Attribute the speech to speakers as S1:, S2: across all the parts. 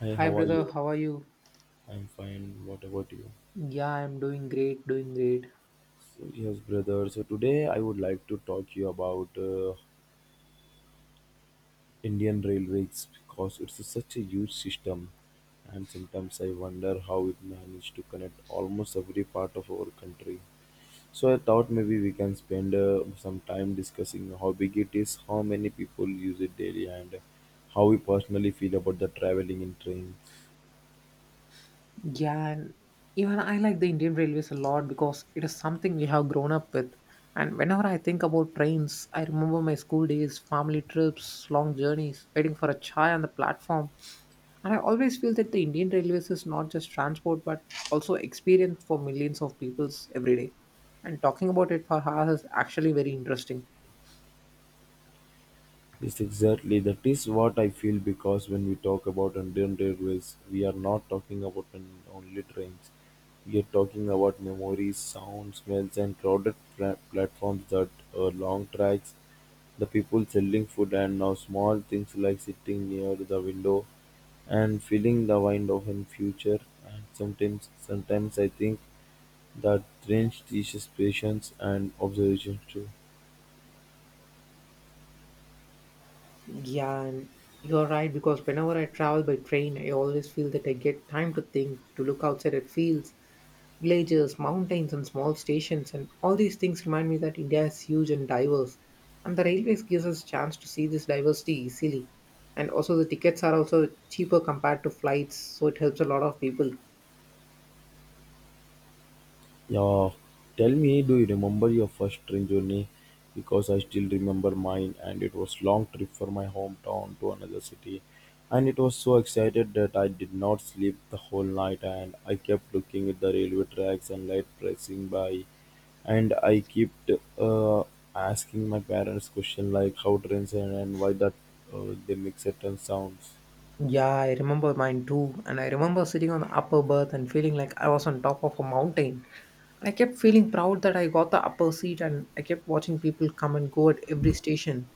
S1: Hi,
S2: Hi
S1: how are
S2: brother,
S1: you?
S2: how are you?
S1: I'm fine. What about you?
S2: Yeah, I'm doing great, doing great.
S1: So, yes, brother. So today I would like to talk to you about Indian railways because it's such a huge system, and sometimes I wonder how it managed to connect almost every part of our country. So I thought maybe we can spend some time discussing how big it is, how many people use it daily, and how we personally feel about the traveling in trains.
S2: Yeah, and even I like the Indian Railways a lot because it is something we have grown up with. And whenever I think about trains, I remember my school days, family trips, long journeys, waiting for a chai on the platform. And I always feel that the Indian Railways is not just transport but also experience for millions of peoples every day. And talking about it for hours is actually very interesting.
S1: Yes, exactly. That is what I feel because when we talk about Indian Railways, we are not talking about only trains. We are talking about memories, sounds, smells, and crowded platforms that are long tracks, the people selling food, and now small things like sitting near the window and feeling the wind of in future. And sometimes, I think that trains teaches patience and observation too.
S2: Yeah, and you're right because whenever I travel by train, I always feel that I get time to think, to look outside at fields, villages, mountains, and small stations, and all these things remind me that India is huge and diverse, and the railways gives us chance to see this diversity easily, and also the tickets are also cheaper compared to flights, so it helps a lot of people.
S1: Yeah, tell me, do you remember your first train journey? Because I still remember mine, and it was long trip from my hometown to another city, and it was so excited that I did not sleep the whole night, and I kept looking at the railway tracks and light pressing by, and I kept uh, asking my parents question like how trains and why that they make certain sounds.
S2: Yeah, I remember mine too, and I remember sitting on the upper berth and feeling like I was on top of a mountain. I kept feeling proud that I got the upper seat and I kept watching people come and go at every station.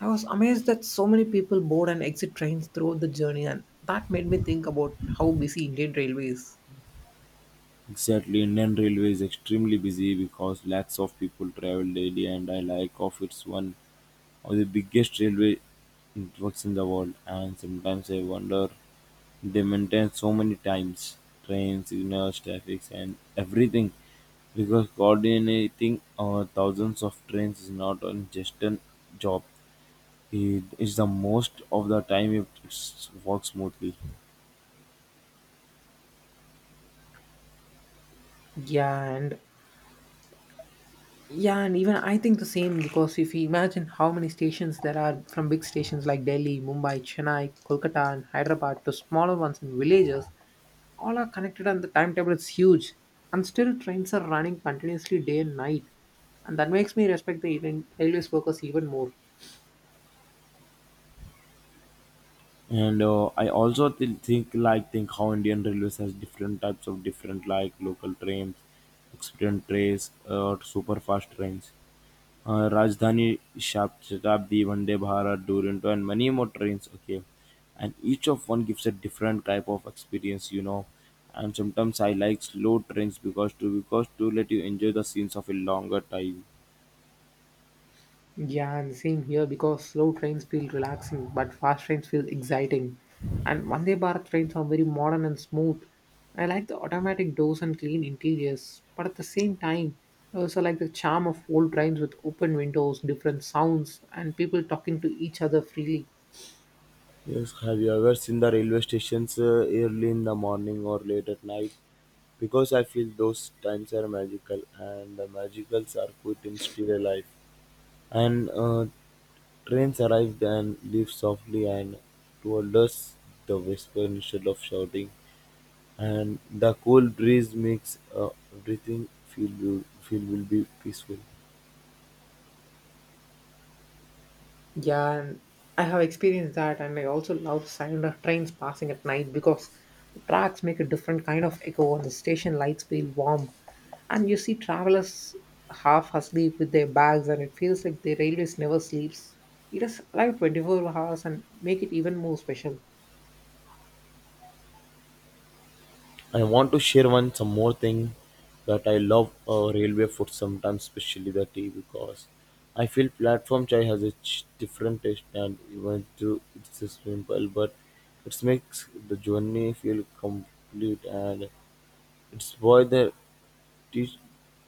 S2: I was amazed that so many people board and exit trains throughout the journey and that made me think about how busy Indian Railway is.
S1: Exactly, Indian Railway is extremely busy because lakhs of people travel daily, and I like of it's one of the biggest railway networks in the world. And sometimes I wonder they maintain so many times trains, signals, traffic, and everything because coordinating thousands of trains is not an just a job. It is the most of the time it works smoothly.
S2: Yeah, and yeah, and even I think the same because if you imagine how many stations there are from big stations like Delhi, Mumbai, Chennai, Kolkata, and Hyderabad to smaller ones in villages, all are connected and the timetable is huge, and still trains are running continuously day and night, and that makes me respect the even railways workers even more.
S1: And I also think how Indian railways has different types of different like local trains, express trains, or super fast trains, Rajdhani, Shatabdi, Vande Bharat, Duronto, and many more trains. Okay, and each of one gives a different type of experience, you know. And sometimes I like slow trains because to let you enjoy the scenes of a longer time.
S2: Yeah, and same here because slow trains feel relaxing but fast trains feel exciting, and Vande Bharat trains are very modern and smooth. I like the automatic doors and clean interiors, but at the same time, I also like the charm of old trains with open windows, different sounds, and people talking to each other freely.
S1: Yes, have you ever seen the railway stations early in the morning or late at night? Because I feel those times are magical and the magicals are put in still alive. And trains arrive and leave softly and told us the whisper instead of shouting. And the cool breeze makes everything feel will be peaceful.
S2: Yeah, and I have experienced that, and I also love the sound of trains passing at night because the tracks make a different kind of echo, and the station lights feel warm. And you see travelers half asleep with their bags, and it feels like the railways never sleeps. It is live 24 hours and make it even more special.
S1: I want to share one some more thing that I love railway food sometimes, especially the tea, because I feel platform chai has a different taste, and even though it's a simple, but it makes the journey feel complete, and it's boil the dish,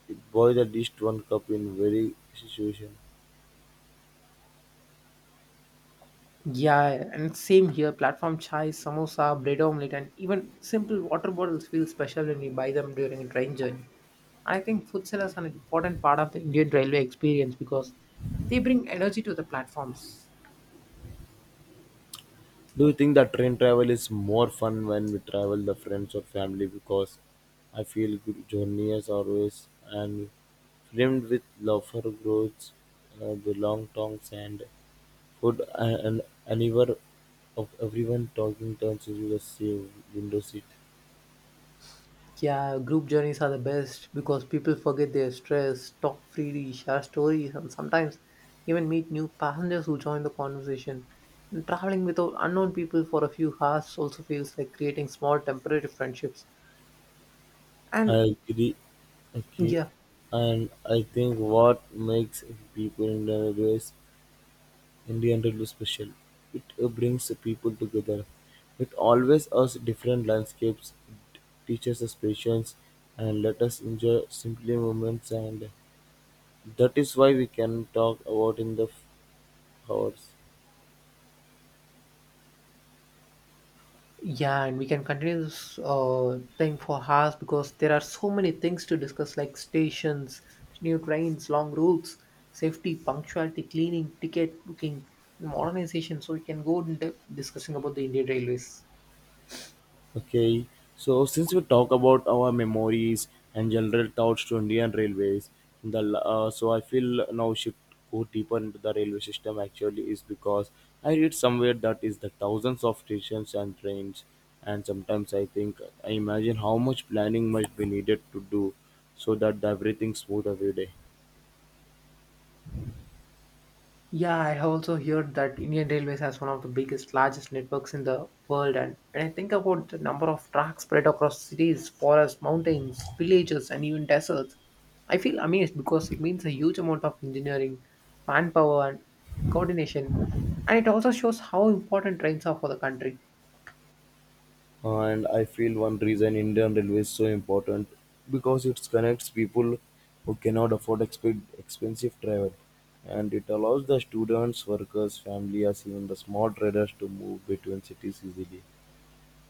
S1: it boil the dish to one cup in very situation.
S2: Yeah, and same here. Platform chai, samosa, bread omelette, and even simple water bottles feel special when we buy them during a train journey. I think food sellers are an important part of the Indian railway experience because they bring energy to the platforms.
S1: Do you think that train travel is more fun when we travel the friends or family? Because I feel good journey as always and filmed with loafer roads, the long tongs and food, and anywhere of everyone talking turns into the same window seat.
S2: Yeah, group journeys are the best because people forget their stress, talk freely, share stories, and sometimes even meet new passengers who join the conversation. And traveling with unknown people for a few hours also feels like creating small temporary friendships. And
S1: I agree. Okay,
S2: yeah.
S1: and I think what makes people in the race Indian Railway special. It brings the people together. It always us different landscapes, it teaches us patience, and let us enjoy simply moments. And that is why we can talk about in the hours.
S2: Yeah, and we can continue this thing for hours because there are so many things to discuss like stations, new trains, long routes, safety, punctuality, cleaning, ticket booking, modernization. So we can go in depth discussing about the Indian Railways.
S1: Okay, so since we talk about our memories and general thoughts to Indian Railways, so I feel now should go deeper into the railway system. Actually, is because I read somewhere that is the thousands of stations and trains, and sometimes I think I imagine how much planning must be needed to do so that the everything smooth every day.
S2: Yeah, I have also heard that Indian Railways has one of the biggest, largest networks in the world, and when I think about the number of tracks spread across cities, forests, mountains, villages, and even deserts, I feel amazed because it means a huge amount of engineering, manpower, and coordination, and it also shows how important trains are for the country.
S1: And I feel one reason Indian Railway is so important because it connects people who cannot afford expensive travel, and it allows the students, workers, families, even the small traders to move between cities easily.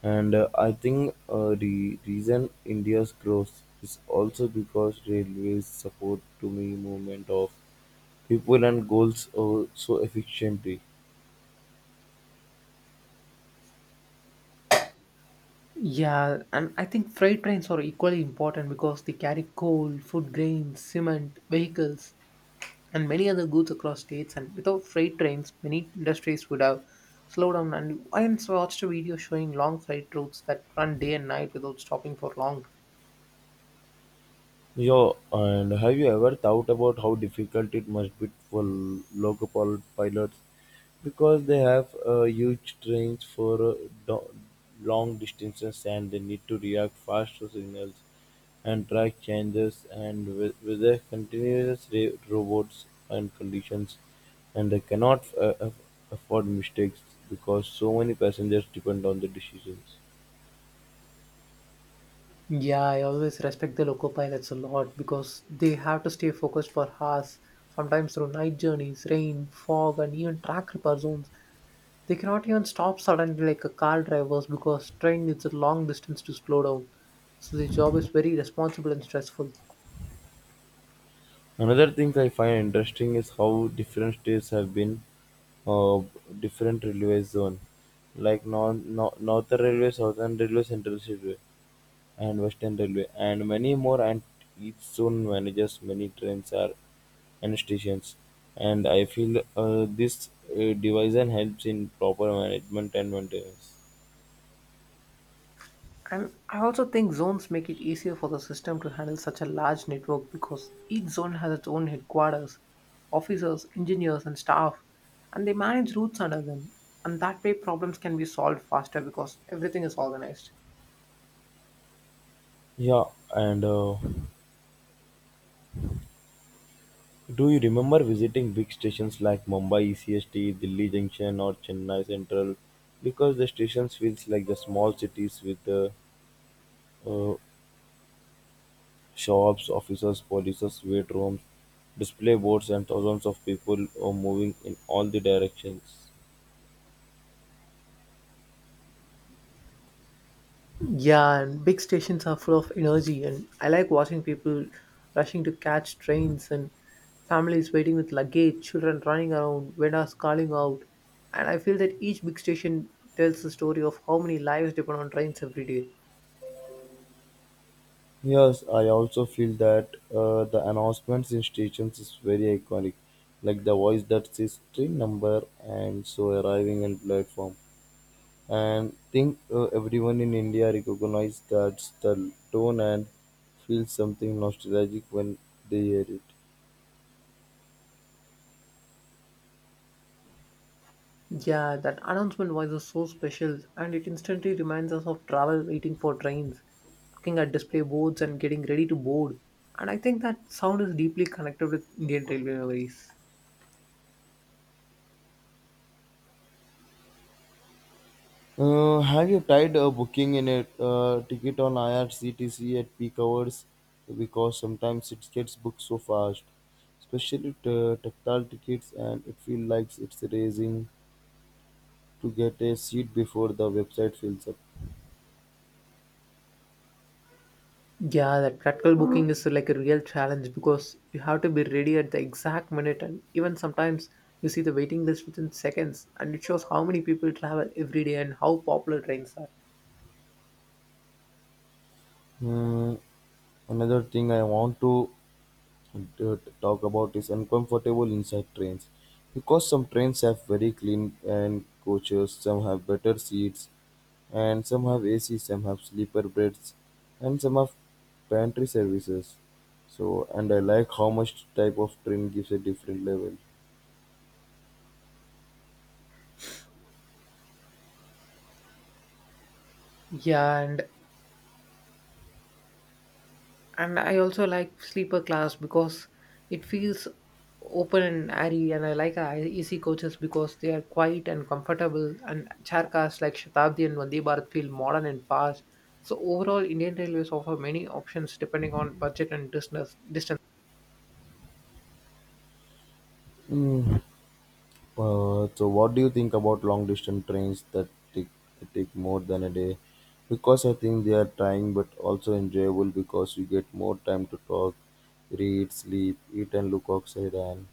S1: And I think the reason India's growth is also because railways support to me movement of people and goals, so efficiently.
S2: Yeah, and I think freight trains are equally important because they carry coal, food, grains, cement, vehicles, and many other goods across states. And without freight trains, many industries would have slowed down. And I once watched a video showing long freight routes that run day and night without stopping for long.
S1: Yeah, and have you ever thought about how difficult it must be for local pilots because they have huge trains for do- long distances, and they need to react fast to signals and track changes, and with their continuous robots and conditions, and they cannot afford mistakes because so many passengers depend on the decisions.
S2: Yeah, I always respect the loco pilots a lot because they have to stay focused for hours, sometimes through night journeys, rain, fog, and even track repair zones. They cannot even stop suddenly like a car drivers because train needs a long distance to slow down. So the job is very responsible and stressful.
S1: Another thing I find interesting is how different states have been uh, different railway zone, like Northern Railway, Southern Railway, Central Railway, and Western Railway, and many more. And each zone manages many trains are and stations. And I feel this division helps in proper management and maintenance.
S2: And I also think zones make it easier for the system to handle such a large network because each zone has its own headquarters, officers, engineers, and staff, and they manage routes under them. And that way, problems can be solved faster because everything is organized.
S1: Yeah, and do you remember visiting big stations like Mumbai ECST, Delhi Junction, or Chennai Central? Because the stations feels like the small cities with the uh, shops, offices, polices, wait rooms, display boards, and thousands of people are moving in all the directions.
S2: Yeah, and big stations are full of energy, and I like watching people rushing to catch trains and families waiting with luggage, children running around, vendors calling out. And I feel that each big station tells the story of how many lives depend on trains every day.
S1: Yes, I also feel that the announcements in stations is very iconic, like the voice that says train number and so arriving in platform. And think everyone in India recognizes that the tone and feels something nostalgic when they hear it.
S2: Yeah, that announcement was so special and it instantly reminds us of travel waiting for trains, looking at display boards and getting ready to board. And I think that sound is deeply connected with Indian railway memories.
S1: Have you tried booking in a ticket on IRCTC at peak hours? Because sometimes it gets booked so fast, especially tactile tickets, and it feels like it's racing to get a seat before the website fills up.
S2: Yeah, that practical booking is like a real challenge because you have to be ready at the exact minute and even sometimes you see the waiting list within seconds, and it shows how many people travel every day and how popular trains are.
S1: Hmm, another thing I want to talk about is uncomfortable inside trains because some trains have very clean and coaches, some have better seats, and some have AC, some have sleeper beds, and some have pantry services. So and I like how much type of train gives a different level.
S2: Yeah, and I also like sleeper class because it feels open and airy, and I like our AC coaches because they are quiet and comfortable, and chair cars like Shatabdi and Vande Bharat feel modern and fast. So overall, Indian Railways offer many options depending on budget and distance.
S1: Hmm. So what do you think about long distance trains that take more than a day? Because I think they are trying but also enjoyable because you get more time to talk, read, sleep, eat, and look outside, and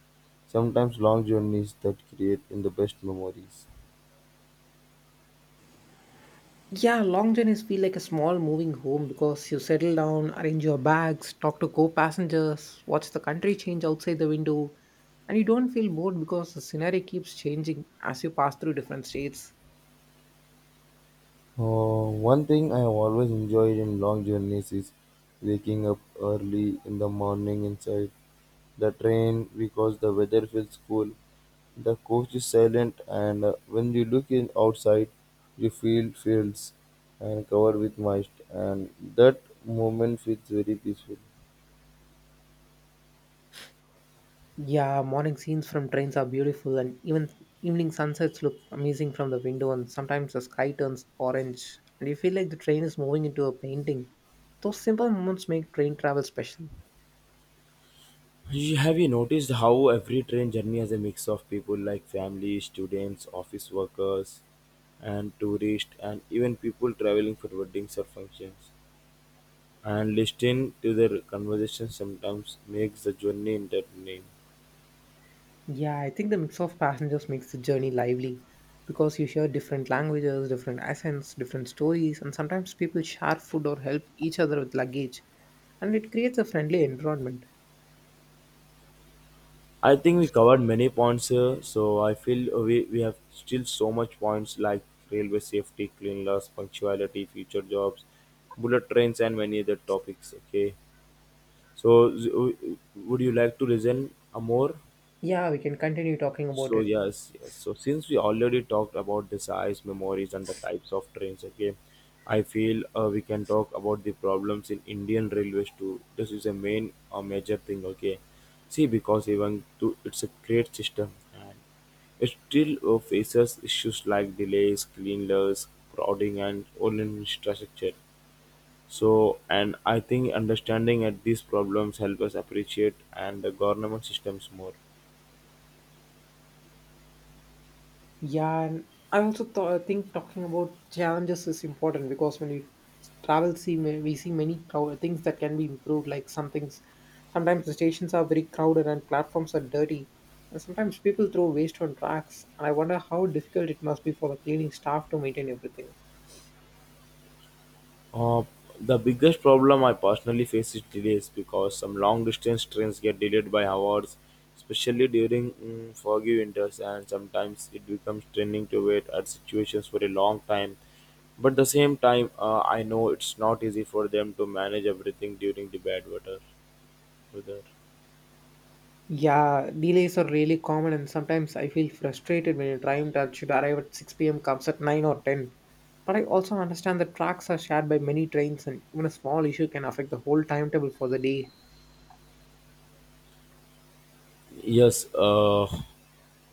S1: sometimes long journeys that create in the best memories.
S2: Yeah, long journeys feel like a small moving home because you settle down, arrange your bags, talk to co-passengers, watch the country change outside the window, and you don't feel bored because the scenery keeps changing as you pass through different states.
S1: One thing I have always enjoyed in long journeys is waking up early in the morning inside the train because the weather feels cool. The coach is silent, and when you look in outside, you feel fields and covered with mist, and that moment feels very peaceful.
S2: Yeah, morning scenes from trains are beautiful, and even evening sunsets look amazing from the window. And sometimes the sky turns orange, and you feel like the train is moving into a painting. Those simple moments make train travel special.
S1: Have you noticed how every train journey has a mix of people like family, students, office workers, and tourists, and even people traveling for weddings or functions? And listening to their conversations sometimes makes the journey entertaining.
S2: Yeah, I think the mix of passengers makes the journey lively because you hear different languages, different accents, different stories, and sometimes people share food or help each other with luggage, and it creates a friendly environment.
S1: I think we covered many points here, so I feel we have still so much points like railway safety, cleanliness, punctuality, future jobs, bullet trains, and many other topics. Okay, so would you like to listen a more?
S2: Yeah, we can continue talking about
S1: So
S2: it.
S1: yes. So since we already talked about the size, memories, and the types of trains, okay, I feel we can talk about the problems in Indian railways too. This is a main major thing, okay. See, because even though it's a great system, and it still faces issues like delays, cleanliness, crowding, and all infrastructure. So, and I think understanding at these problems help us appreciate and the government systems more.
S2: Yeah, and I also think talking about challenges is important because when we travel, we see many things that can be improved. Like some things, sometimes the stations are very crowded and platforms are dirty, and sometimes people throw waste on tracks. And I wonder how difficult it must be for the cleaning staff to maintain everything.
S1: Uh, the biggest problem I personally face is delays because some long distance trains get delayed by hours, especially during foggy winters, and sometimes it becomes draining to wait at situations for a long time. But at the same time, I know it's not easy for them to manage everything during the bad weather.
S2: Yeah, delays are really common, and sometimes I feel frustrated when a train that should arrive at 6 p.m. comes at 9 or 10. But I also understand that tracks are shared by many trains, and even a small issue can affect the whole timetable for the day.
S1: Yes,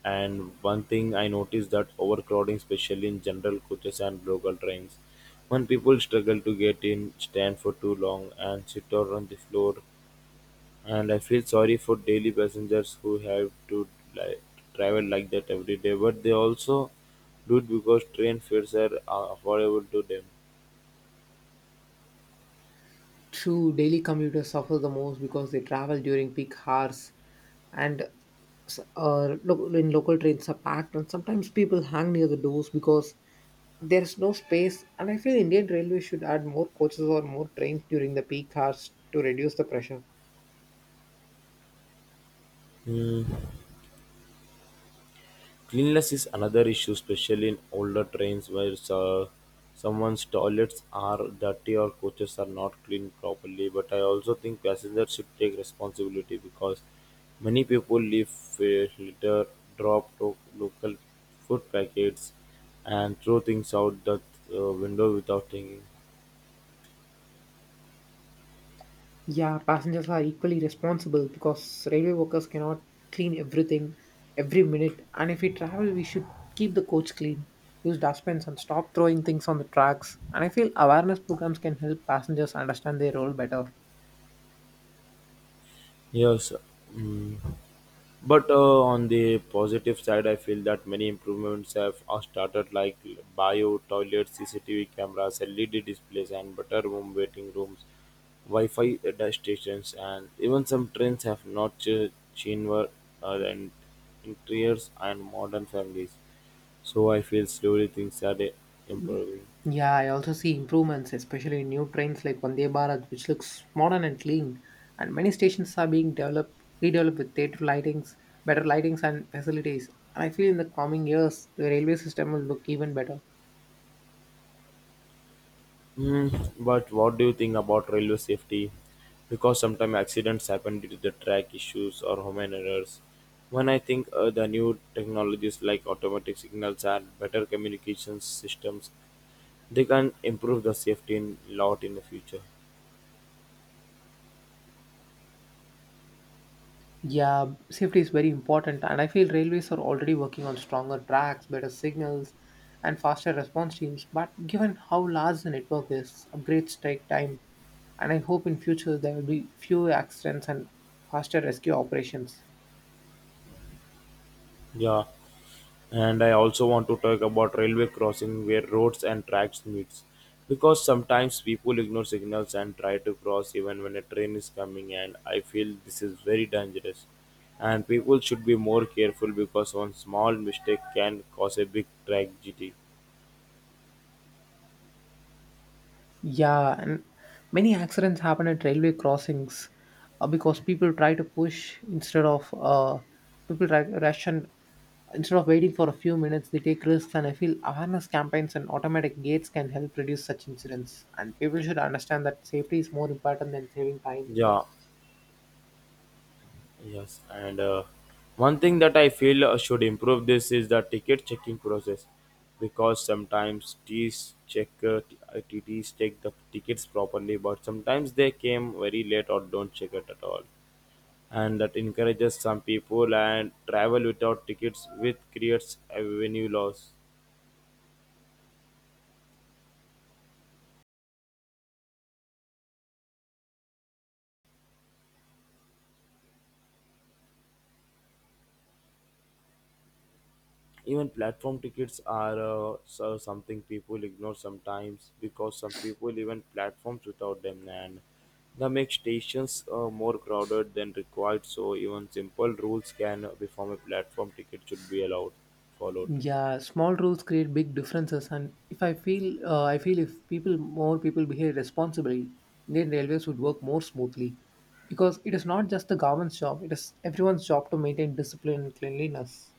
S1: and one thing I noticed that overcrowding, especially in general coaches and local trains, when people struggle to get in, stand for too long, and sit or on the floor, and I feel sorry for daily passengers who have to like, travel like that every day, but they also do it because train fares are affordable to them.
S2: True, daily commuters suffer the most because they travel during peak hours, and in local trains are packed, and sometimes people hang near the doors because there is no space. And I feel Indian Railways should add more coaches or more trains during the peak hours to reduce the pressure.
S1: Hmm. Cleanliness is another issue, especially in older trains where someone's toilets are dirty or coaches are not cleaned properly. But I also think passengers should take responsibility because many people leave litter, drop to local food packets, and throw things out the window without thinking.
S2: Yeah, passengers are equally responsible because railway workers cannot clean everything every minute. And if we travel, we should keep the coach clean, use dustbins, and stop throwing things on the tracks. And I feel awareness programs can help passengers understand their role better.
S1: Yes. mm, But on the positive side, I feel that many improvements have are started, like bio toilets, CCTV cameras, LED displays, and better room waiting rooms, Wi-Fi data stations, and even some trains have not chamber and interiors and modern families. So I feel slowly things are improving.
S2: Yeah, I also see improvements, especially in new trains like Vande Bharat, which looks modern and clean. And many stations are being developed, redeveloped with theatre lightings, better lightings and facilities. And I feel in the coming years, the railway system will look even better.
S1: Hmm, but what do you think about railway safety? Because sometimes accidents happen due to the track issues or human errors. When I think the new technologies like automatic signals and better communication systems, they can improve the safety a lot in the future.
S2: Yeah, safety is very important, and I feel railways are already working on stronger tracks, better signals, and faster response teams. But given how large the network is, upgrades take time, and I hope in future there will be fewer accidents and faster rescue operations.
S1: Yeah. And I also want to talk about railway crossing where roads and tracks meets, because sometimes people ignore signals and try to cross even when a train is coming, and I feel this is very dangerous. And people should be more careful because one small mistake can cause a big tragedy.
S2: Yeah, and many accidents happen at railway crossings because people try to push instead of people ration instead of waiting for a few minutes. They take risks, and I feel awareness campaigns and automatic gates can help reduce such incidents. And people should understand that safety is more important than saving time.
S1: Yeah. Yes, and one thing that I feel should improve this is the ticket checking process, because sometimes TTs check the tickets properly, but sometimes they came very late or don't check it at all, and that encourages some people and travel without tickets, which creates a revenue loss. Even platform tickets are so something people ignore sometimes because some people even platforms without them, and that makes stations more crowded than required. So even simple rules can before a platform ticket should be allowed followed.
S2: Yeah, small rules create big differences. And if I feel I feel if people more people behave responsibly, Indian Railways would work more smoothly, because it is not just the government's job, it is everyone's job to maintain discipline and cleanliness.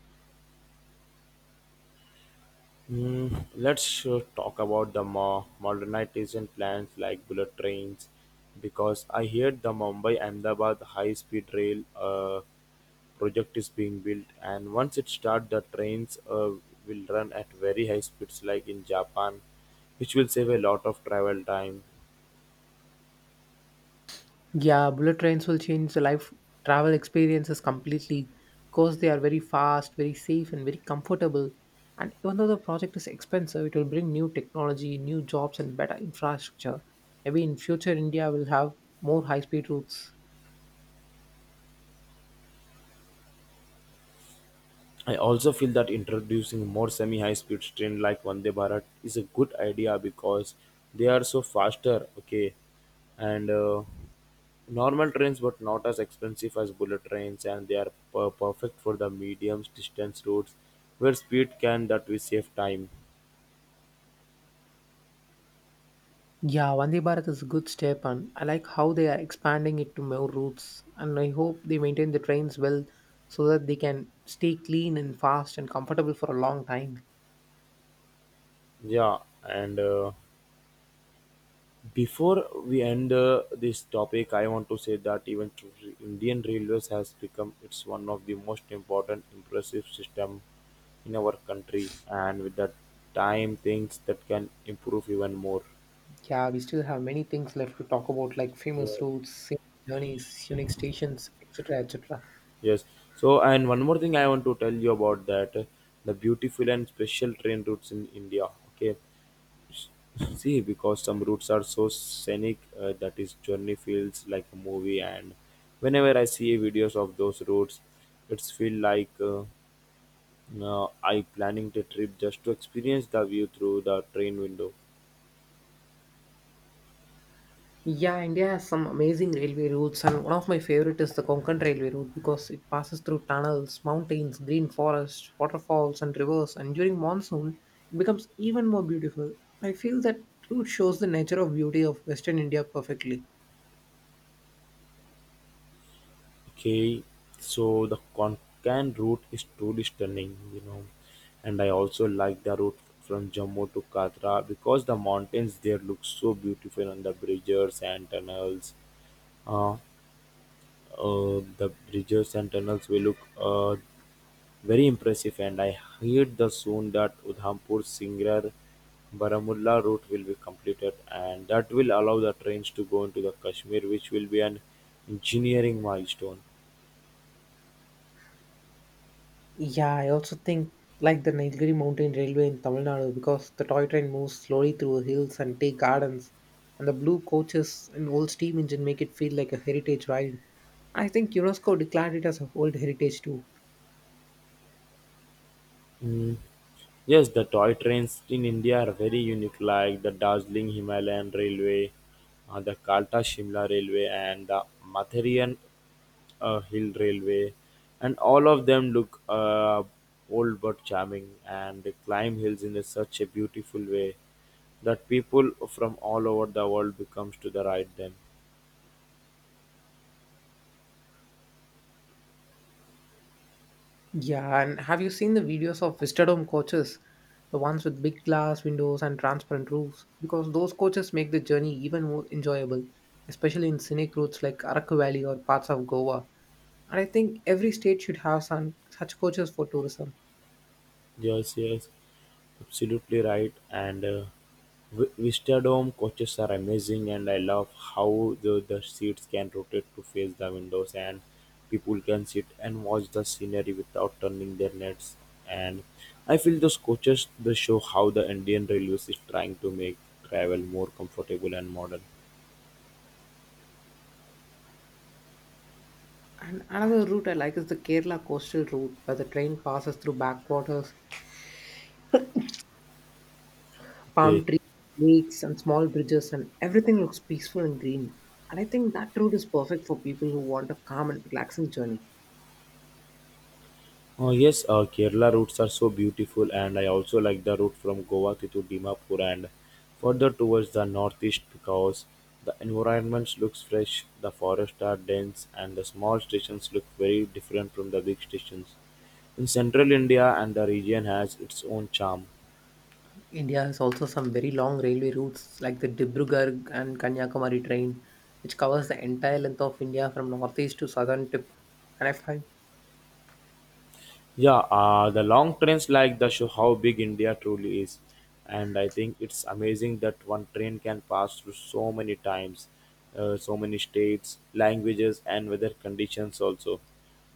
S1: Hmm, let's talk about the modernization plans like bullet trains, because I hear the Mumbai Ahmedabad high speed rail project is being built, and once it starts the trains will run at very high speeds like in Japan, which will save a lot of travel time.
S2: Yeah, bullet trains will change the life travel experiences completely, because they are very fast, very safe, and very comfortable. And even though the project is expensive, it will bring new technology, new jobs, and better infrastructure. Maybe in future India will have more high speed routes.
S1: I also feel that introducing more semi high speed train like Vande Bharat is a good idea because they are so faster. Okay. And normal trains but not as expensive as bullet trains, and they are perfect for the medium distance routes where speed can that we save time.
S2: Yeah, Vande Bharat is a good step, and I like how they are expanding it to more routes. And I hope they maintain the trains well so that they can stay clean and fast and comfortable for a long time.
S1: Yeah, and before we end this topic I want to say that even Indian Railways has become it's one of the most important impressive system in our country, and with that time things that can improve even more.
S2: Yeah, we still have many things left to talk about, like
S1: Yeah.
S2: famous routes, scenic journeys, unique stations, etc. etc.
S1: Yes. So, and one more thing I want to tell you about that the beautiful and special train routes in India. Okay. See, because some routes are so scenic that is journey feels like a movie, and whenever I see videos of those routes, it's feel like I planning the trip just to experience the view through the train window.
S2: Yeah, India has some amazing railway routes, and one of my favorite is the Konkan Railway route because it passes through tunnels, mountains, green forests, waterfalls, and rivers. And during monsoon, it becomes even more beautiful. I feel that route shows the nature of beauty of Western India perfectly.
S1: Okay, so the Konkan route is truly stunning, you know, and I also like the route from Jammu to Katra because the mountains there look so beautiful and the bridges and tunnels. Uh, the bridges and tunnels will look very impressive, and I heard the soon that Udhampur Singrar Baramulla route will be completed, and that will allow the trains to go into the Kashmir, which will be an engineering milestone.
S2: Yeah, I also think like the Nilgiri Mountain Railway in Tamil Nadu because the toy train moves slowly through hills and tea gardens, and the blue coaches and old steam engine make it feel like a heritage ride. I think UNESCO declared it as a World Heritage too.
S1: Mm. Yes, the toy trains in India are very unique, like the Darjeeling Himalayan Railway, the Kalta Shimla Railway, and the Matherian Hill Railway, and all of them look old but charming, and they climb hills in a, such a beautiful way that people from all over the world becomes to the ride them.
S2: Yeah, and have you seen the videos of Vistadome coaches? The ones with big glass windows and transparent roofs? Because those coaches make the journey even more enjoyable, especially in scenic routes like Araku Valley or parts of Goa. And I think every state should have some such coaches for tourism.
S1: Yes, yes. Absolutely right. And Vistadome coaches are amazing, and I love how the seats can rotate to face the windows, and people can sit and watch the scenery without turning their nets. And I feel those coaches they show how the Indian Railways is trying to make travel more comfortable and modern.
S2: And another route I like is the Kerala coastal route, where the train passes through backwaters, palm
S1: Okay.
S2: trees, lakes, and small bridges, and everything looks peaceful and green. And I think that route is perfect for people who want a calm and relaxing journey.
S1: Oh yes, Kerala routes are so beautiful, and I also like the route from Goa to Dimapur and further towards the northeast because the environment looks fresh, the forests are dense, and the small stations look very different from the big stations. In central India, and the region has its own charm.
S2: India has also some very long railway routes like the Dibrugarh and Kanyakumari train, which covers the entire length of India from northeast to southern tip. And I find,
S1: Yeah, the long trains like the show how big India truly is, and I think it's amazing that one train can pass through so many times, so many states, languages, and weather conditions also.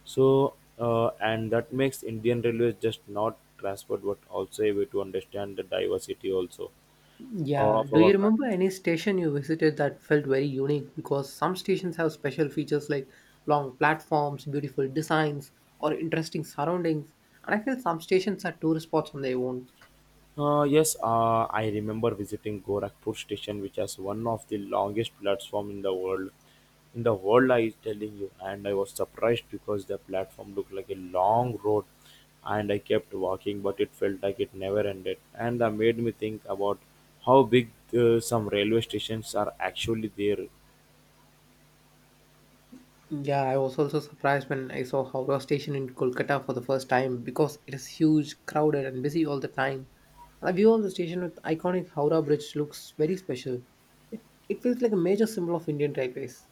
S1: So, and that makes Indian Railways just not transport, but also a way to understand the diversity also
S2: yeah,
S1: of
S2: do you
S1: our country.
S2: remember any station you visited that felt very unique? Because some stations have special features like long platforms, beautiful designs, or interesting surroundings. And I feel some stations are tourist spots on their own.
S1: Yes, I remember visiting Gorakhpur station, which has one of the longest platform in the world. In the world, I is telling you, and I was surprised because the platform looked like a long road, and I kept walking, but it felt like it never ended. And that made me think about how big some railway stations are actually there.
S2: Yeah, I was also surprised when I saw Howrah station in Kolkata for the first time because it is huge, crowded, and busy all the time. And the view of the station with iconic Howrah Bridge looks very special. It feels like a major symbol of Indian railways.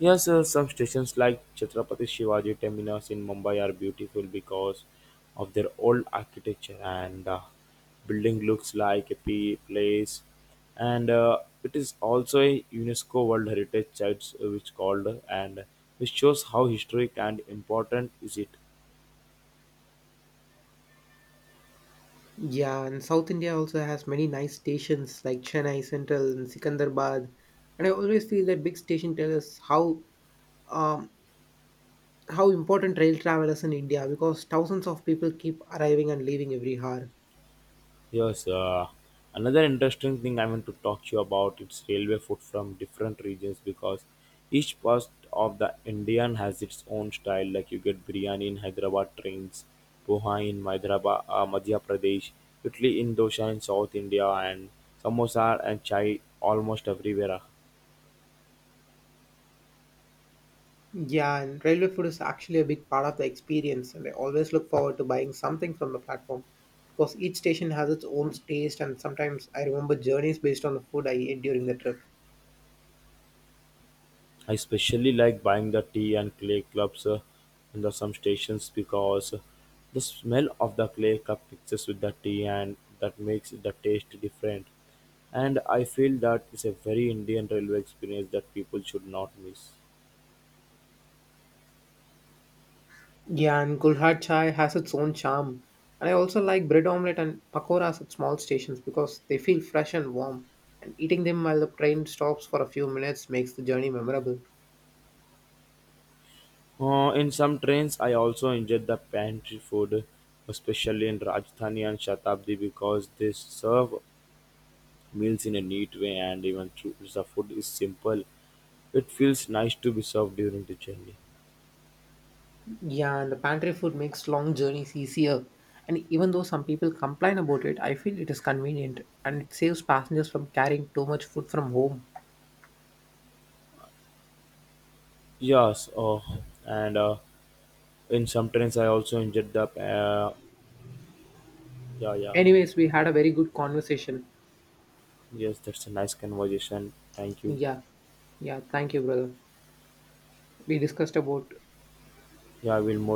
S1: Yes, some stations like Chhatrapati Shivaji Terminus in Mumbai are beautiful because of their old architecture and building looks like a place. And it is also a UNESCO World Heritage Site, which called and which shows how historic and important is it.
S2: Yeah, and South India also has many nice stations like Chennai Central and Sikandrabad. And I always feel that big station tell us um, how important rail travel is in India because thousands of people keep arriving and leaving every hour.
S1: Yes, another interesting thing I want to talk to you about it's railway food from different regions, because each part of the Indian has its own style. Like you get biryani in Hyderabad trains, poha in Hyderabad, Madhya Pradesh, Italy in dosa in South India, and samosa and chai almost everywhere.
S2: Yeah, and railway food is actually a big part of the experience, and I always look forward to buying something from the platform because each station has its own taste, and sometimes I remember journeys based on the food I ate during the trip.
S1: I especially like buying the tea and clay cups in the some stations because the smell of the clay cup mixes with the tea and that makes the taste different. And I feel that is a very Indian railway experience that people should not miss.
S2: Yeah, and Gulhar Chai has its own charm, and I also like bread omelette and pakoras at small stations because they feel fresh and warm, and eating them while the train stops for a few minutes makes the journey memorable.
S1: In some trains, I also enjoyed the pantry food, especially in Rajdhani and Shatabdi, because they serve meals in a neat way, and even though the food is simple, it feels nice to be served during the journey.
S2: Yeah, and the pantry food makes long journeys easier. And even though some people complain about it, I feel it is convenient and it saves passengers from carrying too much food from home.
S1: Yes, oh, and in some trains I also injured the. Yeah, yeah.
S2: Anyways, we had a very good conversation.
S1: Yes, that's a nice conversation. Thank you.
S2: Yeah, yeah, thank you, brother. We discussed about
S1: Yeah, I will more